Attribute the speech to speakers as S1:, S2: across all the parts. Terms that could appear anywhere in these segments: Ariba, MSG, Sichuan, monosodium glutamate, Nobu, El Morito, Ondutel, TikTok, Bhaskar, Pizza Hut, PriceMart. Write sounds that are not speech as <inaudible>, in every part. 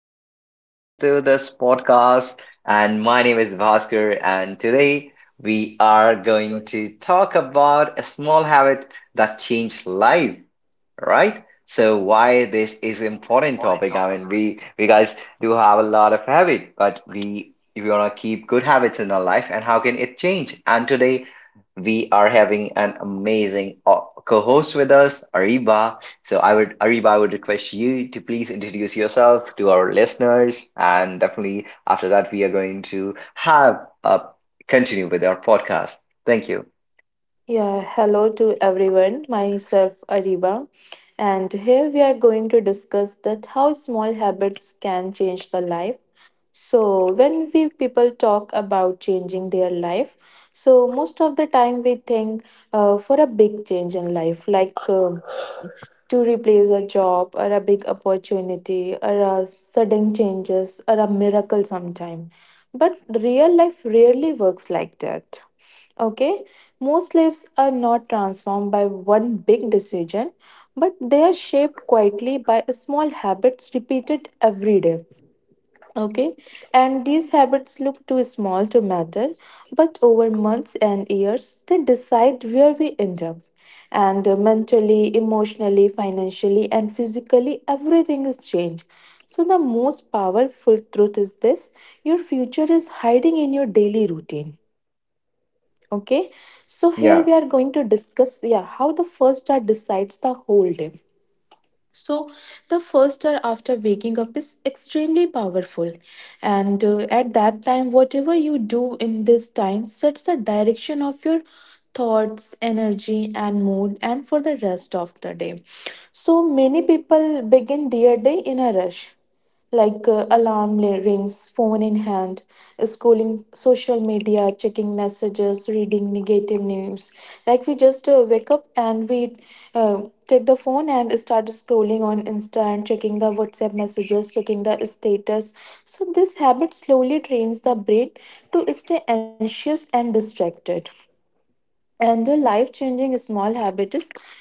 S1: Welcome to this podcast. And my name is Bhaskar. And today we are going to talk about a small habit that changed life, right? So why this is important topic? I mean, we guys do have a lot of habit, but we wanna keep good habits in our life, and how can it change? And today we are having an amazing co-host with us, Ariba. So I would Ariba, I would request you to please introduce yourself to our listeners, and definitely after that we are going to have a continue with our podcast. Thank you.
S2: Yeah, hello to everyone, myself Ariba, and here we are going to discuss that how small habits can change the life. So, when we people talk about changing their life, so most of the time we think for a big change in life, like to replace a job or a big opportunity or a sudden changes or a miracle sometime. But real life rarely works like that. Okay, most lives are not transformed by one big decision, but they are shaped quietly by small habits repeated every day. Okay, and these habits look too small to matter, but over months and years, they decide where we end up. And mentally, emotionally, financially, and physically, everything is changed. So, the most powerful truth is this: your future is hiding in your daily routine. Okay, so here we are going to
S1: Yeah.
S2: discuss, yeah, how the first hour decides the whole day. So, the first hour after waking up is extremely powerful, and at that time, whatever you do in this time sets the direction of your thoughts, energy, and mood, and for the rest of the day. So, many people begin their day in a rush, like alarm rings, phone in hand, scrolling social media, checking messages, reading negative news. Like we just wake up and we take the phone and start scrolling on Insta and checking the WhatsApp messages, checking the status. So, this habit slowly trains the brain to stay anxious and distracted. And a life changing small habit is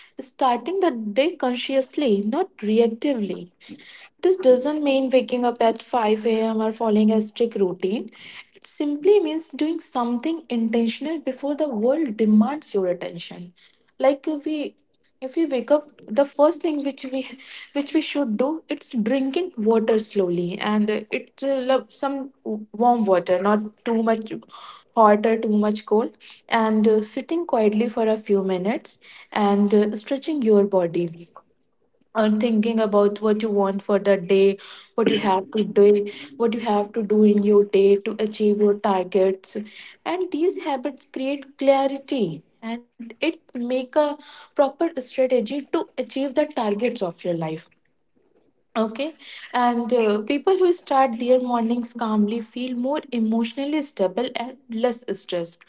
S2: starting the day consciously, not reactively. This doesn't mean waking up at 5 a.m. or following a strict routine. It simply means doing something intentional before the world demands your attention. Like if we wake up, the first thing which we should do, it's drinking water slowly, and some warm water, not too much hot or too much cold, and sitting quietly for a few minutes, and stretching your body, and thinking about what you want for the day, what you have to do, what you have to do in your day to achieve your targets. And these habits create clarity and it make a proper strategy to achieve the targets of your life. Okay, and people who start their mornings calmly feel more emotionally stable and less stressed.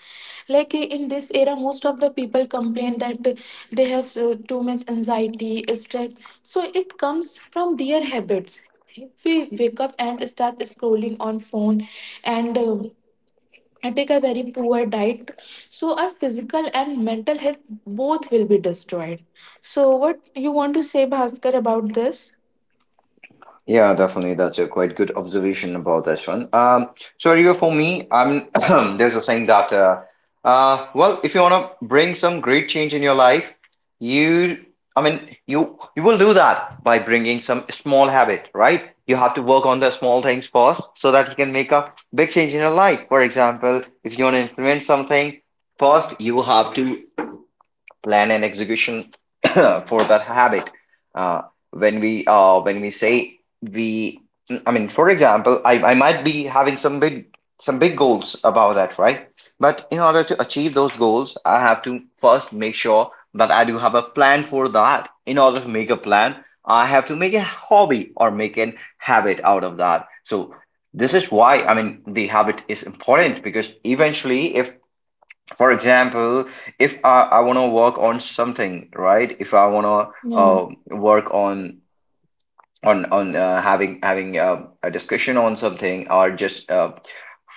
S2: Like in this era, most of the people complain that they have too much anxiety, stress. So it comes from their habits. If we wake up and start scrolling on phone and um, and take a very poor diet, so our physical and mental health both will be destroyed. So, what you want to say, Bhaskar, about this?
S1: Yeah, definitely. That's a quite good observation about this one. So Rigo, for me, I'm <clears throat> there's a saying that well, if you wanna bring some great change in your life, you I mean you will do that by bringing some small habit, right? You have to work on the small things first so that you can make a big change in your life. For example, if you want to implement something, first you have to plan and execution <coughs> <clears throat> for that habit. Uh, when we say we, I mean, for example, I might be having some big goals about that, right? But in order to achieve those goals, I have to first make sure that I do have a plan for that. In order to make a plan, I have to make a hobby or make an habit out of that. So this is why I mean the habit is important because eventually if for example if I, I want to work on something, right? If I want to
S2: Yeah.
S1: work on having having a discussion on something or just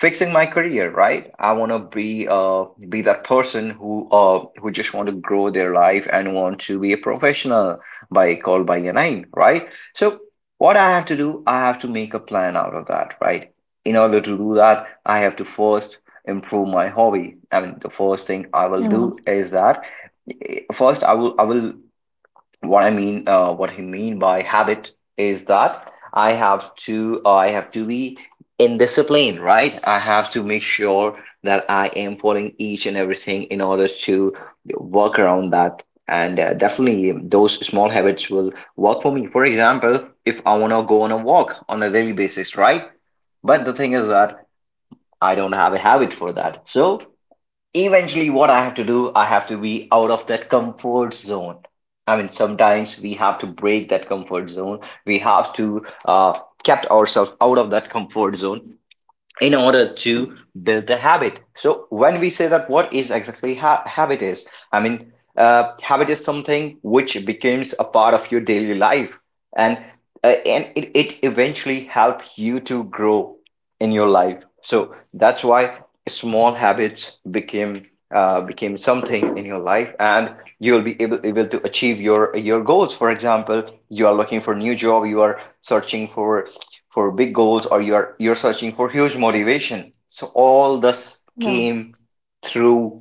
S1: fixing my career, right? I want to be that person who just want to grow their life and want to be a professional by called by your name, right? So what I have to do, I have to make a plan out of that, right? In order to do that I have to first improve my hobby. I mean the first thing I will do
S2: Yeah,
S1: is that first I will what I mean, what he mean by habit is that I have to be in discipline, right? I have to make sure that I am following each and everything in order to work around that. And definitely, those small habits will work for me. For example, if I want to go on a walk on a daily basis, right? But the thing is that I don't have a habit for that. So eventually what I have to do, I have to be out of that comfort zone. I mean sometimes we have to break that comfort zone, we have to kept ourselves out of that comfort zone in order to build the habit. So when we say that what is exactly habit is, I mean habit is something which becomes a part of your daily life and it eventually help you to grow in your life. So that's why small habits became became something in your life and you'll be able to achieve your goals. For example, you are looking for new job, you are searching for big goals, or you're searching for huge motivation. So all this
S2: yeah,
S1: came through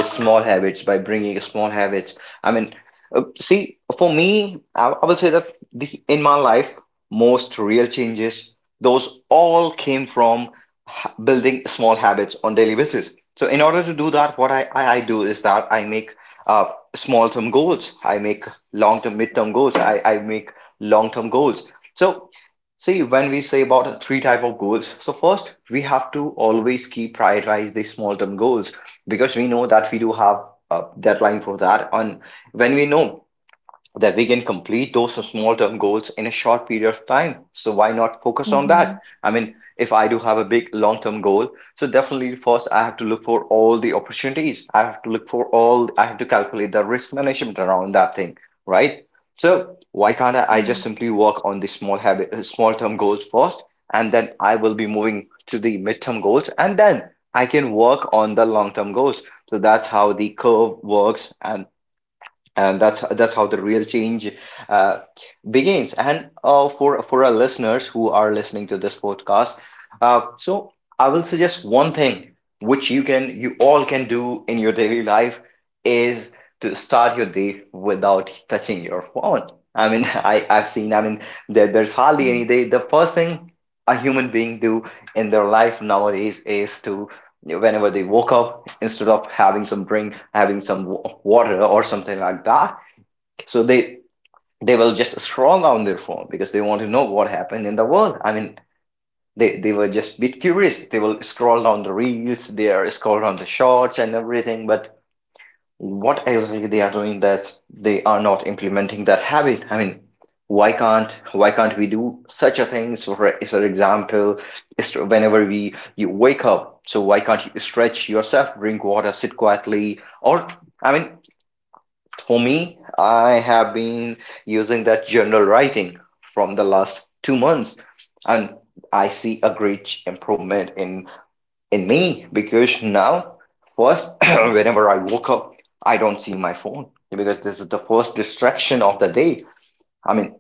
S1: small habits, by bringing small habits. I mean see, for me I will say that the in my life most real changes, those all came from building small habits on daily basis. So in order to do that what I do is that I make uh, small term goals, I make long term mid term goals, I make long term goals. So see, when we say about three type of goals, so first we have to always keep prioritize the small term goals because we know that we do have a deadline for that, and when we know that we can complete those small term goals in a short period of time. So why not focus on
S2: mhm,
S1: that? I mean, if I do have a big long term goal, so definitely first I have to look for all the opportunities. I have to look for all, I have to calculate the risk management around that thing, right? So why can't I
S2: yeah,
S1: just simply work on the small habit, small term goals first, and then I will be moving to the midterm goals, and then I can work on the long term goals. So that's how the curve works, and that's how the real change uh, begins. And for our listeners who are listening to this podcast, so I will suggest one thing which you can you all can do in your daily life is to start your day without touching your phone. I mean <laughs> I've seen. I mean there's hardly
S2: mhm.
S1: any day the first thing a human being do in their life nowadays is to whenever they woke up, instead of having some drink, having some water or something like that. So they will just scroll on their phone because they want to know what happened in the world. I mean they were just a bit curious, they will scroll down the reels, they are scroll down the shorts and everything. But what exactly they are doing, that they are not implementing that habit. I mean, why can't we do such a thing? So so for example, whenever we you wake up, so why can't you stretch yourself, drink water, sit quietly, or I mean, for me I have been using that journal writing from the last 2 months, and I see a great improvement in me. Because now first <coughs> <clears throat> whenever I woke up, I don't see my phone because this is the first distraction of the day. I mean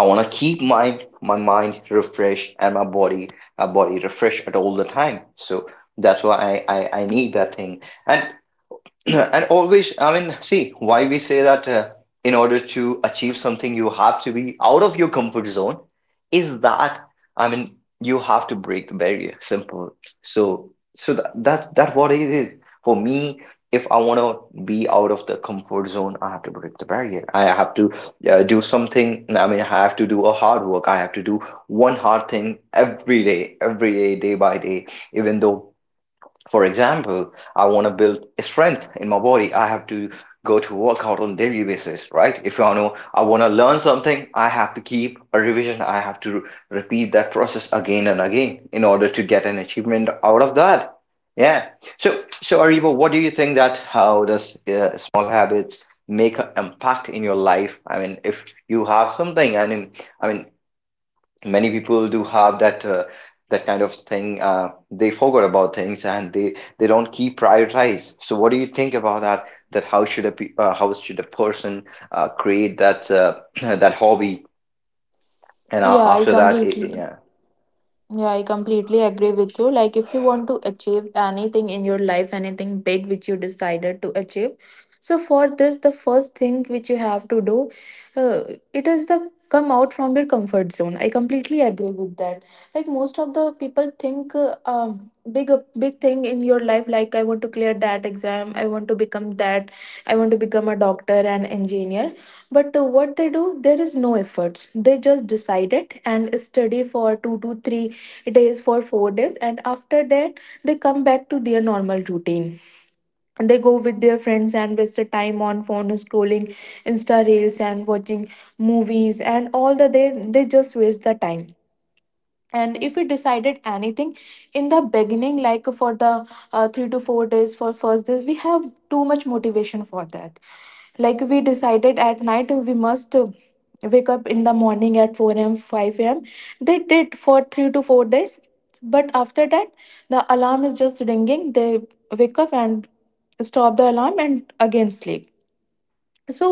S1: I want to keep my mind refreshed and my body a body refreshed at all the time. So that's why I need that thing. And <clears throat> and always I mean see why we say that in order to achieve something you have to be out of your comfort zone is that, I mean you have to break the barrier, simple. So so that what it is. For me if I want to be out of the comfort zone, I have to break the barrier, I have to do something. I mean I have to do a hard work, I have to do one hard thing every day, day by day. Even though for example, I want to build strength in my body, I have to go to workout on daily basis, right? If I know I want to learn something, I have to keep a revision. I have to repeat that process again and again in order to get an achievement out of that. Yeah. So, so Ariba, what do you think that how does small habits make an impact in your life? I mean, if you have something, I mean, many people do have that that kind of thing, they forgot about things and they don't keep prioritize. So what do you think about that, that how should a how should a person create that <clears throat> that hobby, and
S2: Yeah, I
S1: after that
S2: completely, yeah, I completely agree with you. Like, if you want to achieve anything in your life, anything big which you decided to achieve, so for this, the first thing which you have to do, uh, it is the come out from your comfort zone. I completely agree with that. Like most of the people think, big big thing in your life, like I want to clear that exam, I want to become that, I want to become a doctor and engineer. But what they do, there is no efforts. They just decide it and study for 2 to 3 days, for 4 days, and after that, they come back to their normal routine. They go with their friends and waste the time on phone scrolling, Insta reels, and watching movies, and all the, they just waste the time. And if we decided anything in the beginning, like for the 3 to 4 days, for first days we have too much motivation for that. Like we decided at night we must wake up in the morning at 4 a.m., 5 a.m. They did for 3 to 4 days, but after that the alarm is just ringing, they wake up and stop the alarm and again sleep. So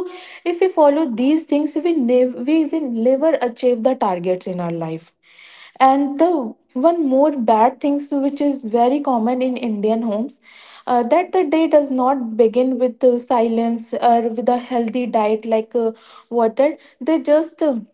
S2: if we follow these things, we will never achieve the targets in our life. And the one more bad things which is very common in Indian homes, that the day does not begin with silence or with a healthy diet like water. They just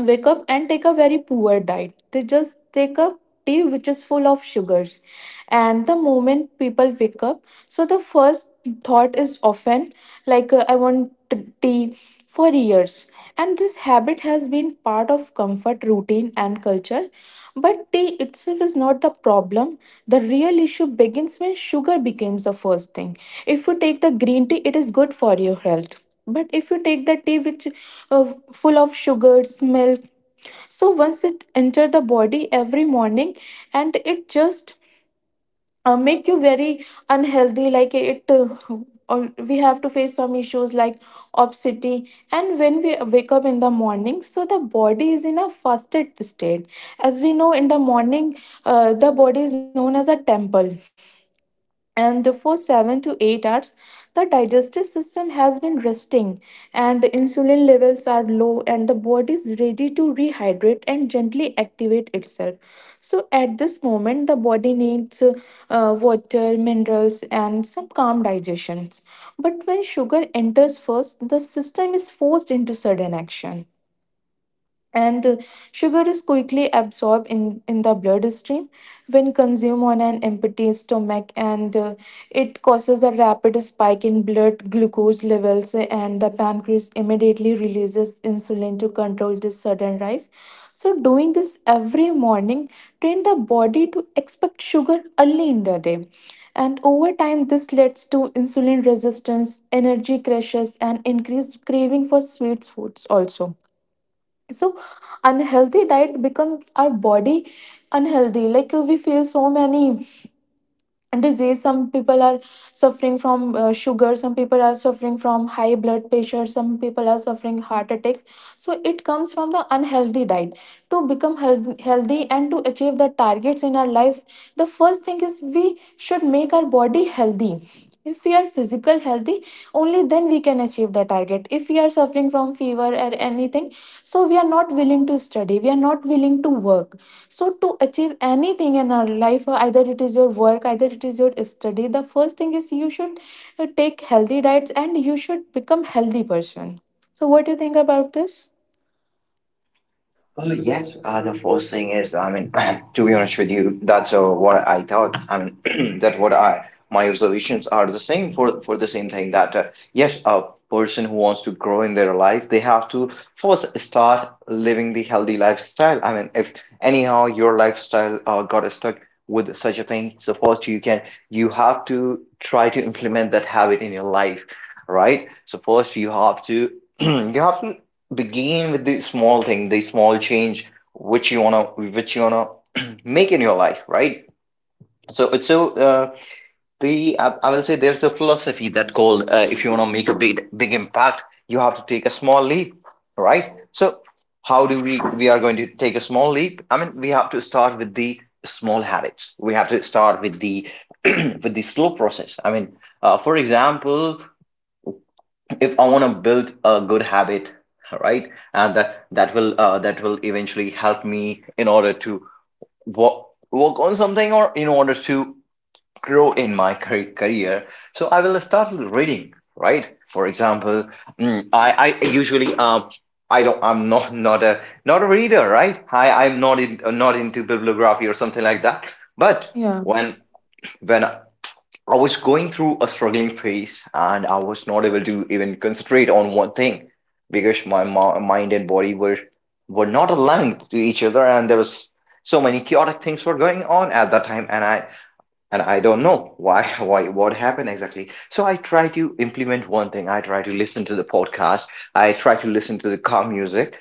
S2: wake up and take a very poor diet. They just take a tea which is full of sugars. And the moment people wake up, so the first thought is often like, I want tea, for years. And this habit has been part of comfort, routine, and culture. But tea itself is not the problem. The real issue begins when sugar becomes the first thing. If you take the green tea, it is good for your health. But if you take the tea which full of sugars, milk, so once it enter the body every morning, and it just make you very unhealthy, like it we have to face some issues like obesity. And when we wake up in the morning, so the body is in a fasted state. As we know, in the morning the body is known as a temple, and for 7 to 8 hours the digestive system has been resting and insulin levels are low, and the body is ready to rehydrate and gently activate itself. So at this moment the body needs water, minerals, and some calm digestions. But when sugar enters first, the system is forced into sudden action. And sugar is quickly absorbed in the bloodstream when consumed on an empty stomach. And it causes a rapid spike in blood glucose levels, and the pancreas immediately releases insulin to control this sudden rise. So doing this every morning train the body to expect sugar early in the day, and over time this leads to insulin resistance, energy crashes, and increased craving for sweet foods also. So unhealthy diet becomes our body unhealthy. Like we feel so many disease. Some people are suffering from sugar, some people are suffering from high blood pressure, some people are suffering heart attacks. So it comes from the unhealthy diet. To become healthy and to achieve the targets in our life, the first thing is we should make our body healthy. If we are physical healthy, only then we can achieve the target. If we are suffering from fever or anything, so we are not willing to study, we are not willing to work. So to achieve anything in our life, either it is your work, either it is your study, the first thing is you should take healthy diets and you should become healthy person. So what do you think about this?
S1: Yes, the first thing is, I mean, <clears throat> to be honest with you, that's what I thought. I mean, <clears throat> that what I my observations are the same for the same thing. That yes, a person who wants to grow in their life, they have to first start living the healthy lifestyle. I mean, if anyhow your lifestyle got stuck with such a thing, so first you have to try to implement that habit in your life, right? So first you have to <clears throat> you have to begin with the small thing, the small change which you wanna which you wanna <clears throat> make in your life, right? So it's so the I will say there's a philosophy that called if you wanna make a big impact, you have to take a small leap, right? So how do we are going to take a small leap? I mean, we have to start with the small habits, we have to start with the <clears throat> with the slow process. I mean, for example, if I want to build a good habit, right, and that will that will eventually help me in order to work work on something, or in order to grow in my career. So I will start with reading, right? For example, I usually I don't. I'm not a not a reader, right? I'm not in, not into bibliography or something like that. But
S2: Yeah,
S1: when when I was going through a struggling phase and I was not able to even concentrate on one thing, because my mind and body were not aligned to each other, and there was so many chaotic things were going on at that time, and I don't know why <laughs> why what happened exactly. So I try to implement one thing. I try to listen to the podcast. I try to listen to the calm music,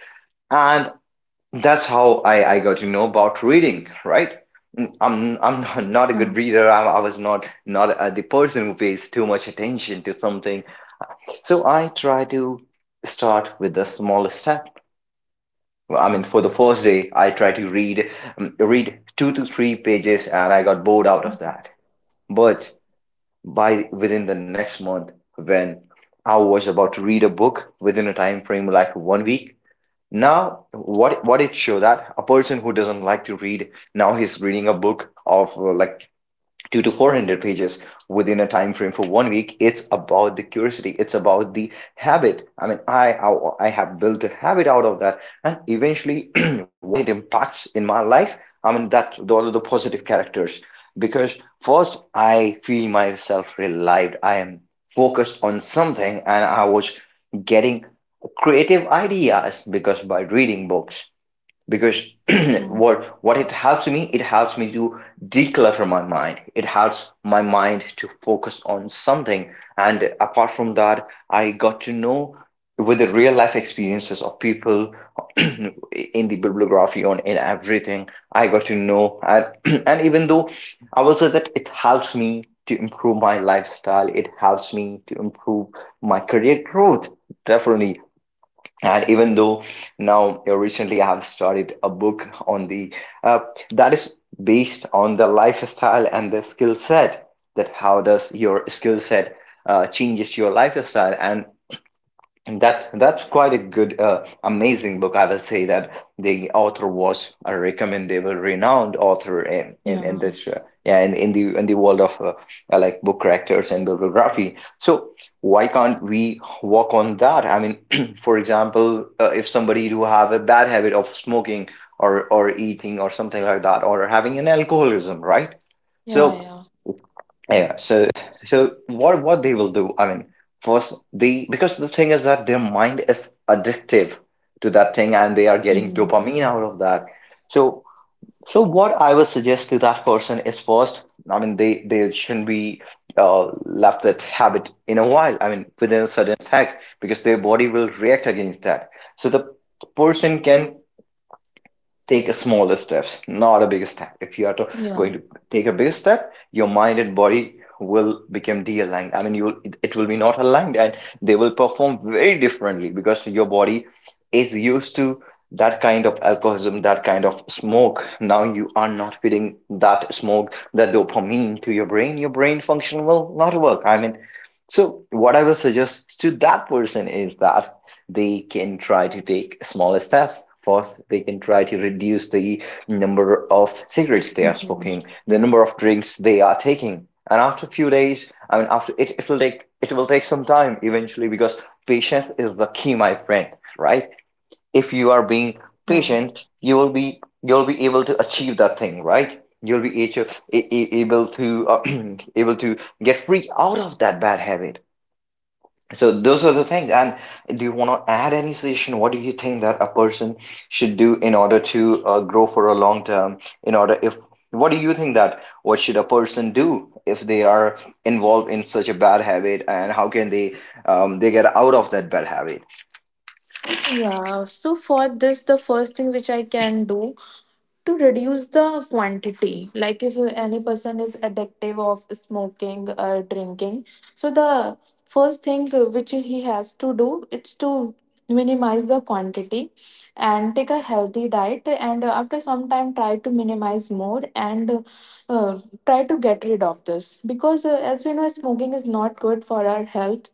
S1: and that's how I got to know about reading, right? Mm, I'm <laughs> not a
S2: yeah.
S1: good reader. I was not the person who pays too much attention to something. So I try to start with the smallest step. I mean, for the first day, I try to read 2 to 3 pages, and I got bored out of
S2: Mhm.
S1: that. But by within the next month, when I was about to read a book within a time frame like 1 week, now, what it show that a person who doesn't like to read now he's reading a book of like two to 400 pages within a time frame for 1 week. It's about the curiosity, it's about the habit. I mean, I have built a habit out of that, and eventually <clears throat> what it impacts in my life, I mean, that those are the positive characters. Because first I feel myself relieved, I am focused on something, and I was getting creative ideas because by reading books, because <clears throat> what it helps me, it helps me to declutter my mind, it helps my mind to focus on something. And apart from that, I got to know with the real life experiences of people, <clears throat> in the bibliography on in everything, I got to know. And <clears throat> and even though, I will say that it helps me to improve my lifestyle, it helps me to improve my career growth, definitely. And even though now recently I have started a book on the uh, that is based on the lifestyle and the skill set, that how does your skill set changes your lifestyle. And that's quite a good, amazing book. I will say that the author was a recommendable, renowned author in in,
S2: Yeah.
S1: in this, yeah, in the world of like book characters and bibliography. So why can't we work on that? I mean, <clears throat> for example, if somebody do have a bad habit of smoking, or eating or something like that, or having an alcoholism, right?
S2: Yeah, yeah.
S1: So. Yeah, so what they will do, I mean, first they, because the thing is that their mind is addictive to that thing and they are getting
S2: Hmm.
S1: dopamine out of that. So what I would suggest to that person is first, I mean, they shouldn't be left that habit in a while. I mean, within a certain attack because their body will react against that. So the person can take a smaller steps, not a big step. If you are to,
S2: Yeah.
S1: going to take a big step, your mind and body will become de-aligned. I mean, you will, it will be not aligned, and they will perform very differently because your body is used to that kind of alcoholism, that kind of smoke. Now you are not feeding that smoke, that dopamine to your brain. Your brain function will not work. I mean, so what I will suggest to that person is that they can try to take small steps. First, they can try to reduce the number of cigarettes they are
S2: Mhm.
S1: smoking, the number of drinks they are taking. And after a few days, I mean, after it will take some time eventually, because patience is the key, my friend. Right? If you are being
S2: Yeah.
S1: patient, you will be you'll be able to achieve that thing. Right? You'll be able to able to <clears throat> able to get free out of that bad habit. So those are the things. And do you want to add any suggestion? What do you think that a person should do in order to grow for a long term? In order, if what do you think that what should a person do if they are involved in such a bad habit, and how can they get out of that bad habit?
S2: Yeah, so for this, the first thing which I can do to reduce the quantity, like if any person is addictive of smoking or drinking, so the first thing which he has to do, it's to minimize the quantity and take a healthy diet, and after some time try to minimize more and uh, try to get rid of this, because as we know smoking is not good for our health.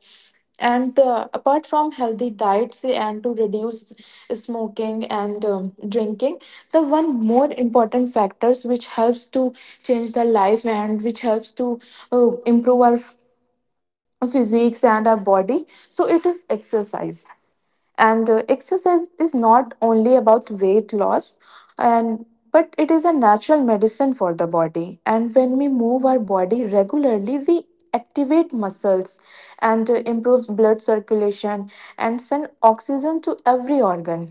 S2: And apart from healthy diets and to reduce smoking and drinking, the one more important factors which helps to change the life and which helps to improve our physiques and our body, so it is exercise. And exercise is not only about weight loss, and but it is a natural medicine for the body. And when we move our body regularly, we activate muscles and improves blood circulation and send oxygen to every organ.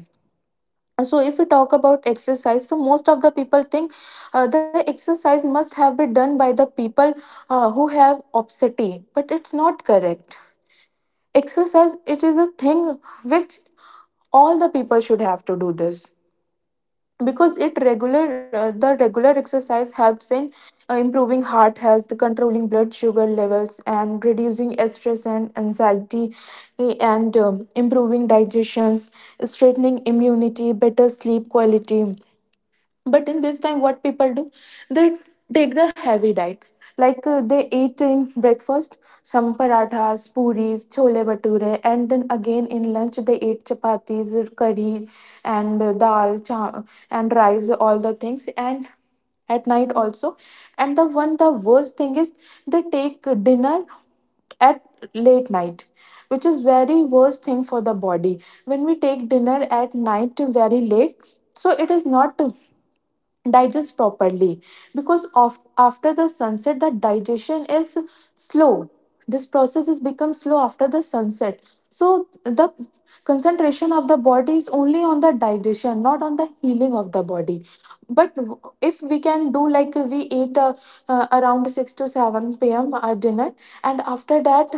S2: So if we talk about exercise, so most of the people think the exercise must have been done by the people who have obesity, but it's not correct. Exercise, it is a thing which all the people should have to do this, because it regular the regular exercise helps in improving heart health, controlling blood sugar levels and reducing stress and anxiety, and improving digestions, strengthening immunity, better sleep quality. But in this time, what people do, they take the heavy diet, like they eat in breakfast some parathas, puris, chole bhature, and then again in lunch they eat chapatis, curry, and and rice, all the things, and at night also. And the one, the worst thing is, they take dinner at late night, which is very worst thing for the body. When we take dinner at night very late, so it is not digest properly, because of after the sunset the digestion is slow, this process is become slow after the sunset. So the concentration of the body is only on the digestion, not on the healing of the body. But if we can do like we eat around 6 to 7 p.m. our dinner, and after that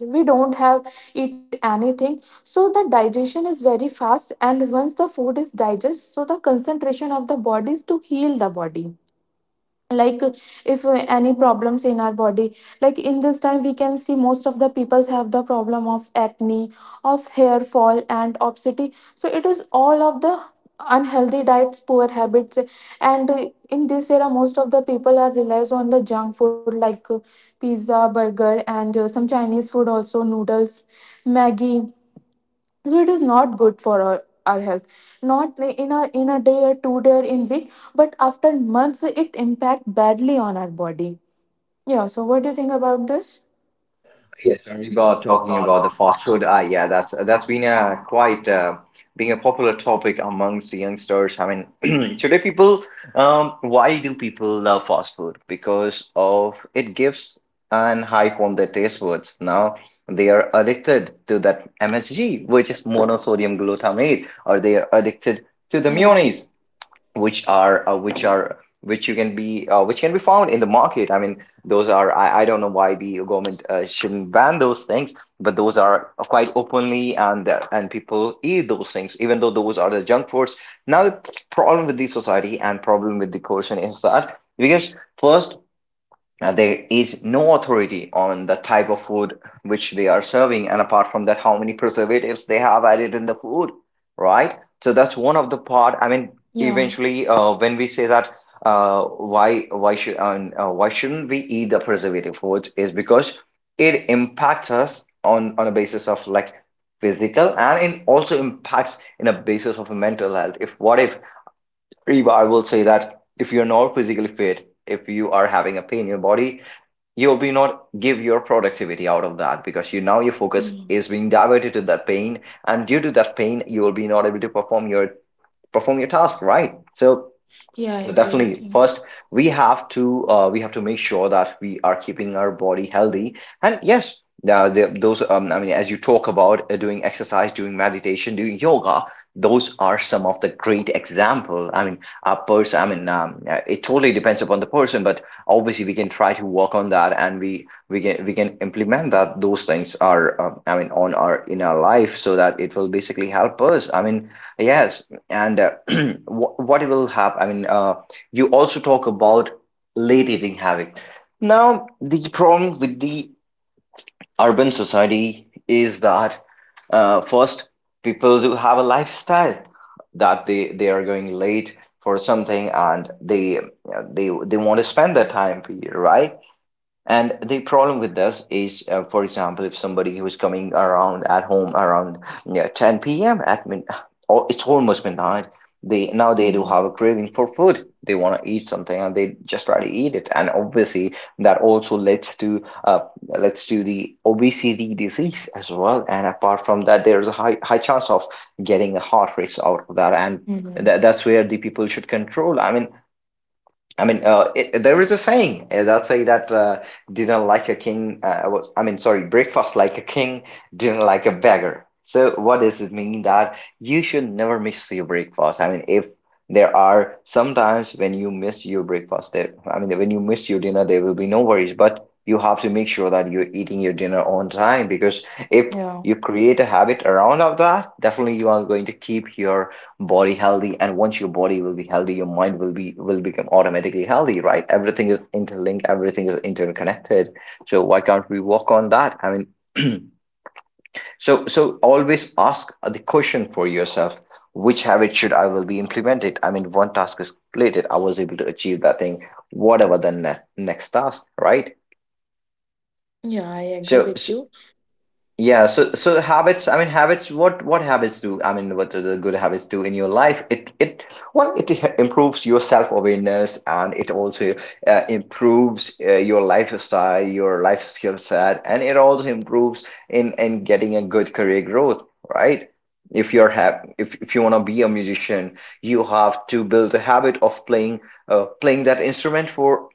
S2: we don't have eat anything, so the digestion is very fast, and once the food is digested, so the concentration of the body is to heal the body. Like, if any problems in our body, like in this time we can see most of the peoples have the problem of acne, of hair fall and obesity. So it is all of the unhealthy diets, poor habits. And in this era most of the people are relies on the junk food, like pizza, burger, and some Chinese food also, noodles, maggie. So it is not good for our health, not in our in a day or 2 day or in week, but after months it impact badly on our body. Yeah, so what do you think about this?
S1: Yes, Riba, talking about the fast food. Ah, yeah, that's been a quite being a popular topic amongst the youngsters. I mean, <clears throat> today people, why do people love fast food? Because of it gives an hype on their taste buds. Now they are addicted to that MSG, which is monosodium glutamate, or they are addicted to the
S2: Yeah.
S1: mayonnaise which are which you can be which can be found in the market. I mean, those are I don't know why the government shouldn't ban those things, but those are quite openly, and people eat those things even though those are the junk foods. Now the problem with the society and problem with the coercion is that, because first, there is no authority on the type of food which they are serving, and apart from that, how many preservatives they have added in the food, right? So that's one of the part. I mean,
S2: Yeah.
S1: eventually, when we say that, why should why shouldn't we eat the preservative foods is because it impacts us on a basis of like physical, and it also impacts in a basis of mental health. If Reba, I will say that if you're not physically fit, if you are having a pain in your body, you'll be not give your productivity out of that because you now your
S2: Yeah,
S1: focus is being diverted to that pain, and due to that pain you will be not able to perform your task, right? so
S2: yeah, I
S1: so
S2: agree with you.
S1: definitely, first we have to make sure that we are keeping our body healthy. And yes, now the, those I mean, as you talk about doing exercise, doing meditation, doing yoga, those are some of the great example. I mean, a person. I mean, it totally depends upon the person, but obviously we can try to work on that, and we can we can implement that. Those things are I mean on our in our life, so that it will basically help us. I mean, yes. And <clears throat> what it will happen, I mean, you also talk about late evening habit. Now, the problem with the urban society is that first, people do have a lifestyle that they are going late for something and they they want to spend their time period, right? And the problem with this is, for example, if somebody who is coming around at home around, yeah, 10 p.m. at min, oh, it's almost midnight. They now they do
S2: Hmm.
S1: have a craving for food. They want to eat something and they just try to eat it. And obviously, that also leads to the obesity disease as well. And apart from that, there's a high chance of getting a heart rate out of that. And
S2: Hmm.
S1: that, that's where the people should control. I mean, there is a saying that say that dinner like a king. Was- I mean, sorry, breakfast like a king, dinner like a beggar. So what does it mean that you should never miss your breakfast? I mean, if there are sometimes when you miss your breakfast, there. I mean, when you miss your dinner, there will be no worries. But you have to make sure that you're eating your dinner on time, because if
S2: Yeah,
S1: you create a habit around of that, definitely you are going to keep your body healthy. And once your body will be healthy, your mind will be will become automatically healthy. Right? Everything is interlinked, everything is interconnected. So why can't we work on that? I mean, <clears throat> so always ask the question for yourself: which habit should I will be implemented? I mean, one task is completed, I was able to achieve that thing, whatever the next task, right?
S2: yeah, I agree with
S1: so,
S2: you.
S1: so yeah, so habits, I mean habits, what habits do, I mean, what are the good habits do in your life? It well, improves your self-awareness, and it also improves your lifestyle, your life skill set, and it also improves in getting a good career growth, right? If you want to be a musician, you have to build a habit of playing playing that instrument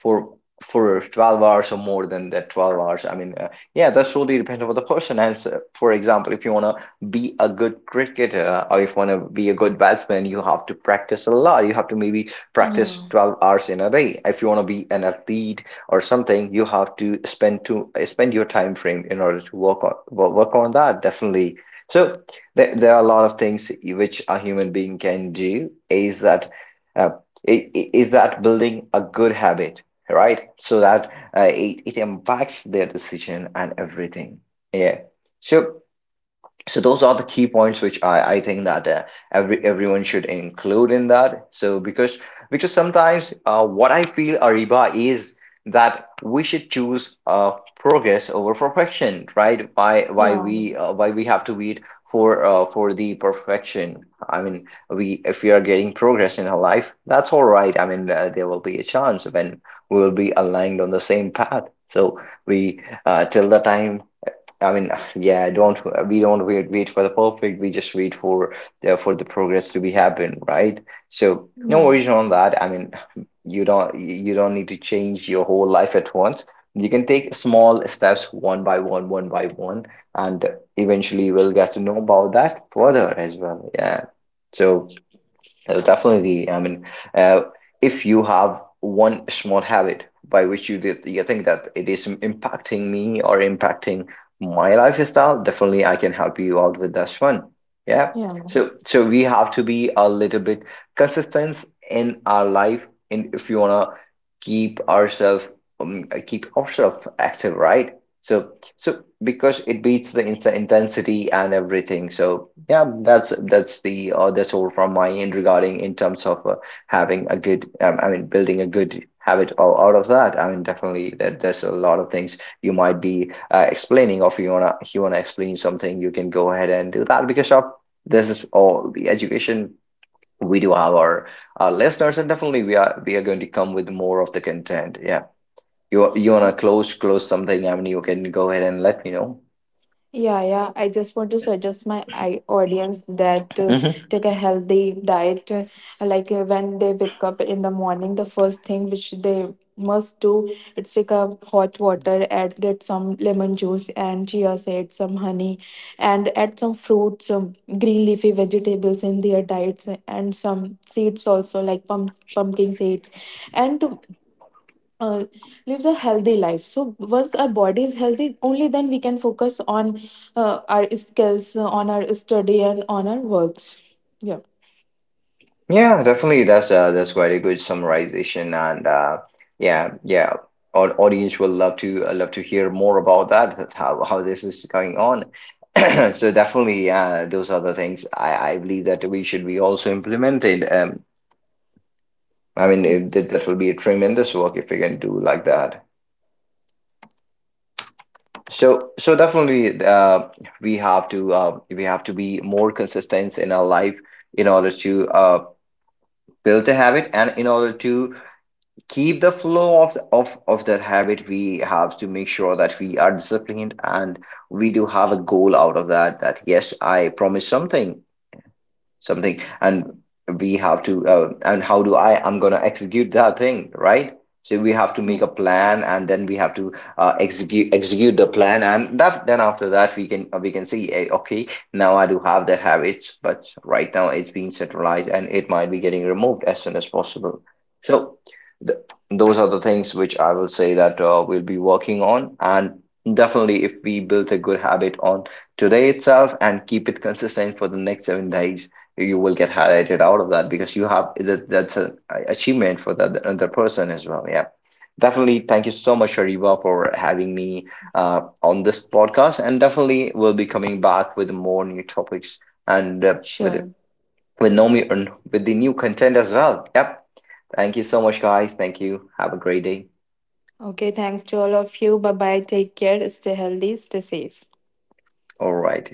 S1: for for 12 hours or more than that 12 hours, yeah, that's totally depends on the person. And so, for example, if you want to be a good cricketer or if you want to be a good batsman, you have to practice a lot. You have to maybe
S2: Yeah.
S1: practice 12 hours in a day. If you want to be an athlete or something, you have to spend your time frame in order to work on work on that, definitely. So there are a lot of things which a human being can do, is that uh, is that building a good habit, right? So that it impacts their decision and everything. Yeah. So, so those are the key points which I think that everyone should include in that. So because sometimes what I feel, Ariba, is that we should choose progress over perfection, right? Why
S2: Yeah.
S1: why we why we have to wait for the perfection? I mean, we, if we are getting progress in our life, that's all right. I mean, there will be a chance when we will be aligned on the same path. So we till the time, I mean, yeah, don't, we don't wait for the perfect. We just wait for the progress to be happen, right? So no
S2: Yeah.
S1: worries on that. I mean, you don't need to change your whole life at once. You can take small steps one by one, and eventually we'll get to know about that further as well. Yeah. So definitely. I mean, uh, if you have one small habit by which you did, you think that it is impacting me or impacting my lifestyle, definitely I can help you out with this one. Yeah.
S2: Yeah.
S1: So, so we have to be a little bit consistent in our life, and if you wanna keep ourselves, keep ourselves active, right? So, so because it beats the intensity and everything. So yeah, that's the that's all from my end regarding in terms of having a good I mean building a good habit out of that. I mean, definitely, that there's a lot of things you might be explaining, or if you wanna, if you wanna explain something, you can go ahead and do that, because of this is all the education. We do have our listeners, and definitely we are going to come with more of the content. Yeah. You wanna close something, I mean, you can go ahead and let me know.
S2: Yeah, yeah. I just want to suggest my audience that to
S1: Hmm.
S2: take a healthy diet. Like when they wake up in the morning, the first thing which they must do, it's take a hot water, add it some lemon juice and chia seeds, some honey, and add some fruits, some green leafy vegetables in their diets, and some seeds also like pump, pumpkin seeds, and uh, lives a healthy life. So once our body is healthy, only then we can focus on our skills, on our study and on our works. Yeah.
S1: Yeah, definitely. That's very good summarization, and yeah, yeah. Our audience will love to love to hear more about that. That's how this is going on. <clears throat> So definitely, those are the things I believe that we should be also implemented. I mean, it,
S2: Mm.
S1: that that will be a tremendous work if we can do like that. So, so definitely, we have to be more consistent in our life in order to uh build a habit, and in order to keep the flow of that habit, we have to make sure that we are disciplined, and we do have a goal out of that. That yes, I promise something, something, and we have to and how do I'm gonna execute that thing, right? So we have to
S2: Yeah.
S1: make a plan, and then we have to execute the plan, and that, then after that, we can see, eh, okay, now I do have the habits, but right now it's being centralized and it might be getting removed as soon as possible. So th- those are the things which I will say that we'll be working on. And definitely, if we build a good habit on today itself and keep it <laughs> consistent for the next 7 days, you will get highlighted out of that, because you have that, that's an achievement for the other person as well. Yeah, definitely. Thank you so much, Shariva, for having me on this podcast, and definitely we'll be coming back with more new topics and
S2: Sure.
S1: with Nomi and with the new content as well. Yep. Thank you so much, guys. Thank you. Have a great day.
S2: Okay, thanks to all of you. Bye bye, take care, stay healthy, stay safe.
S1: All right.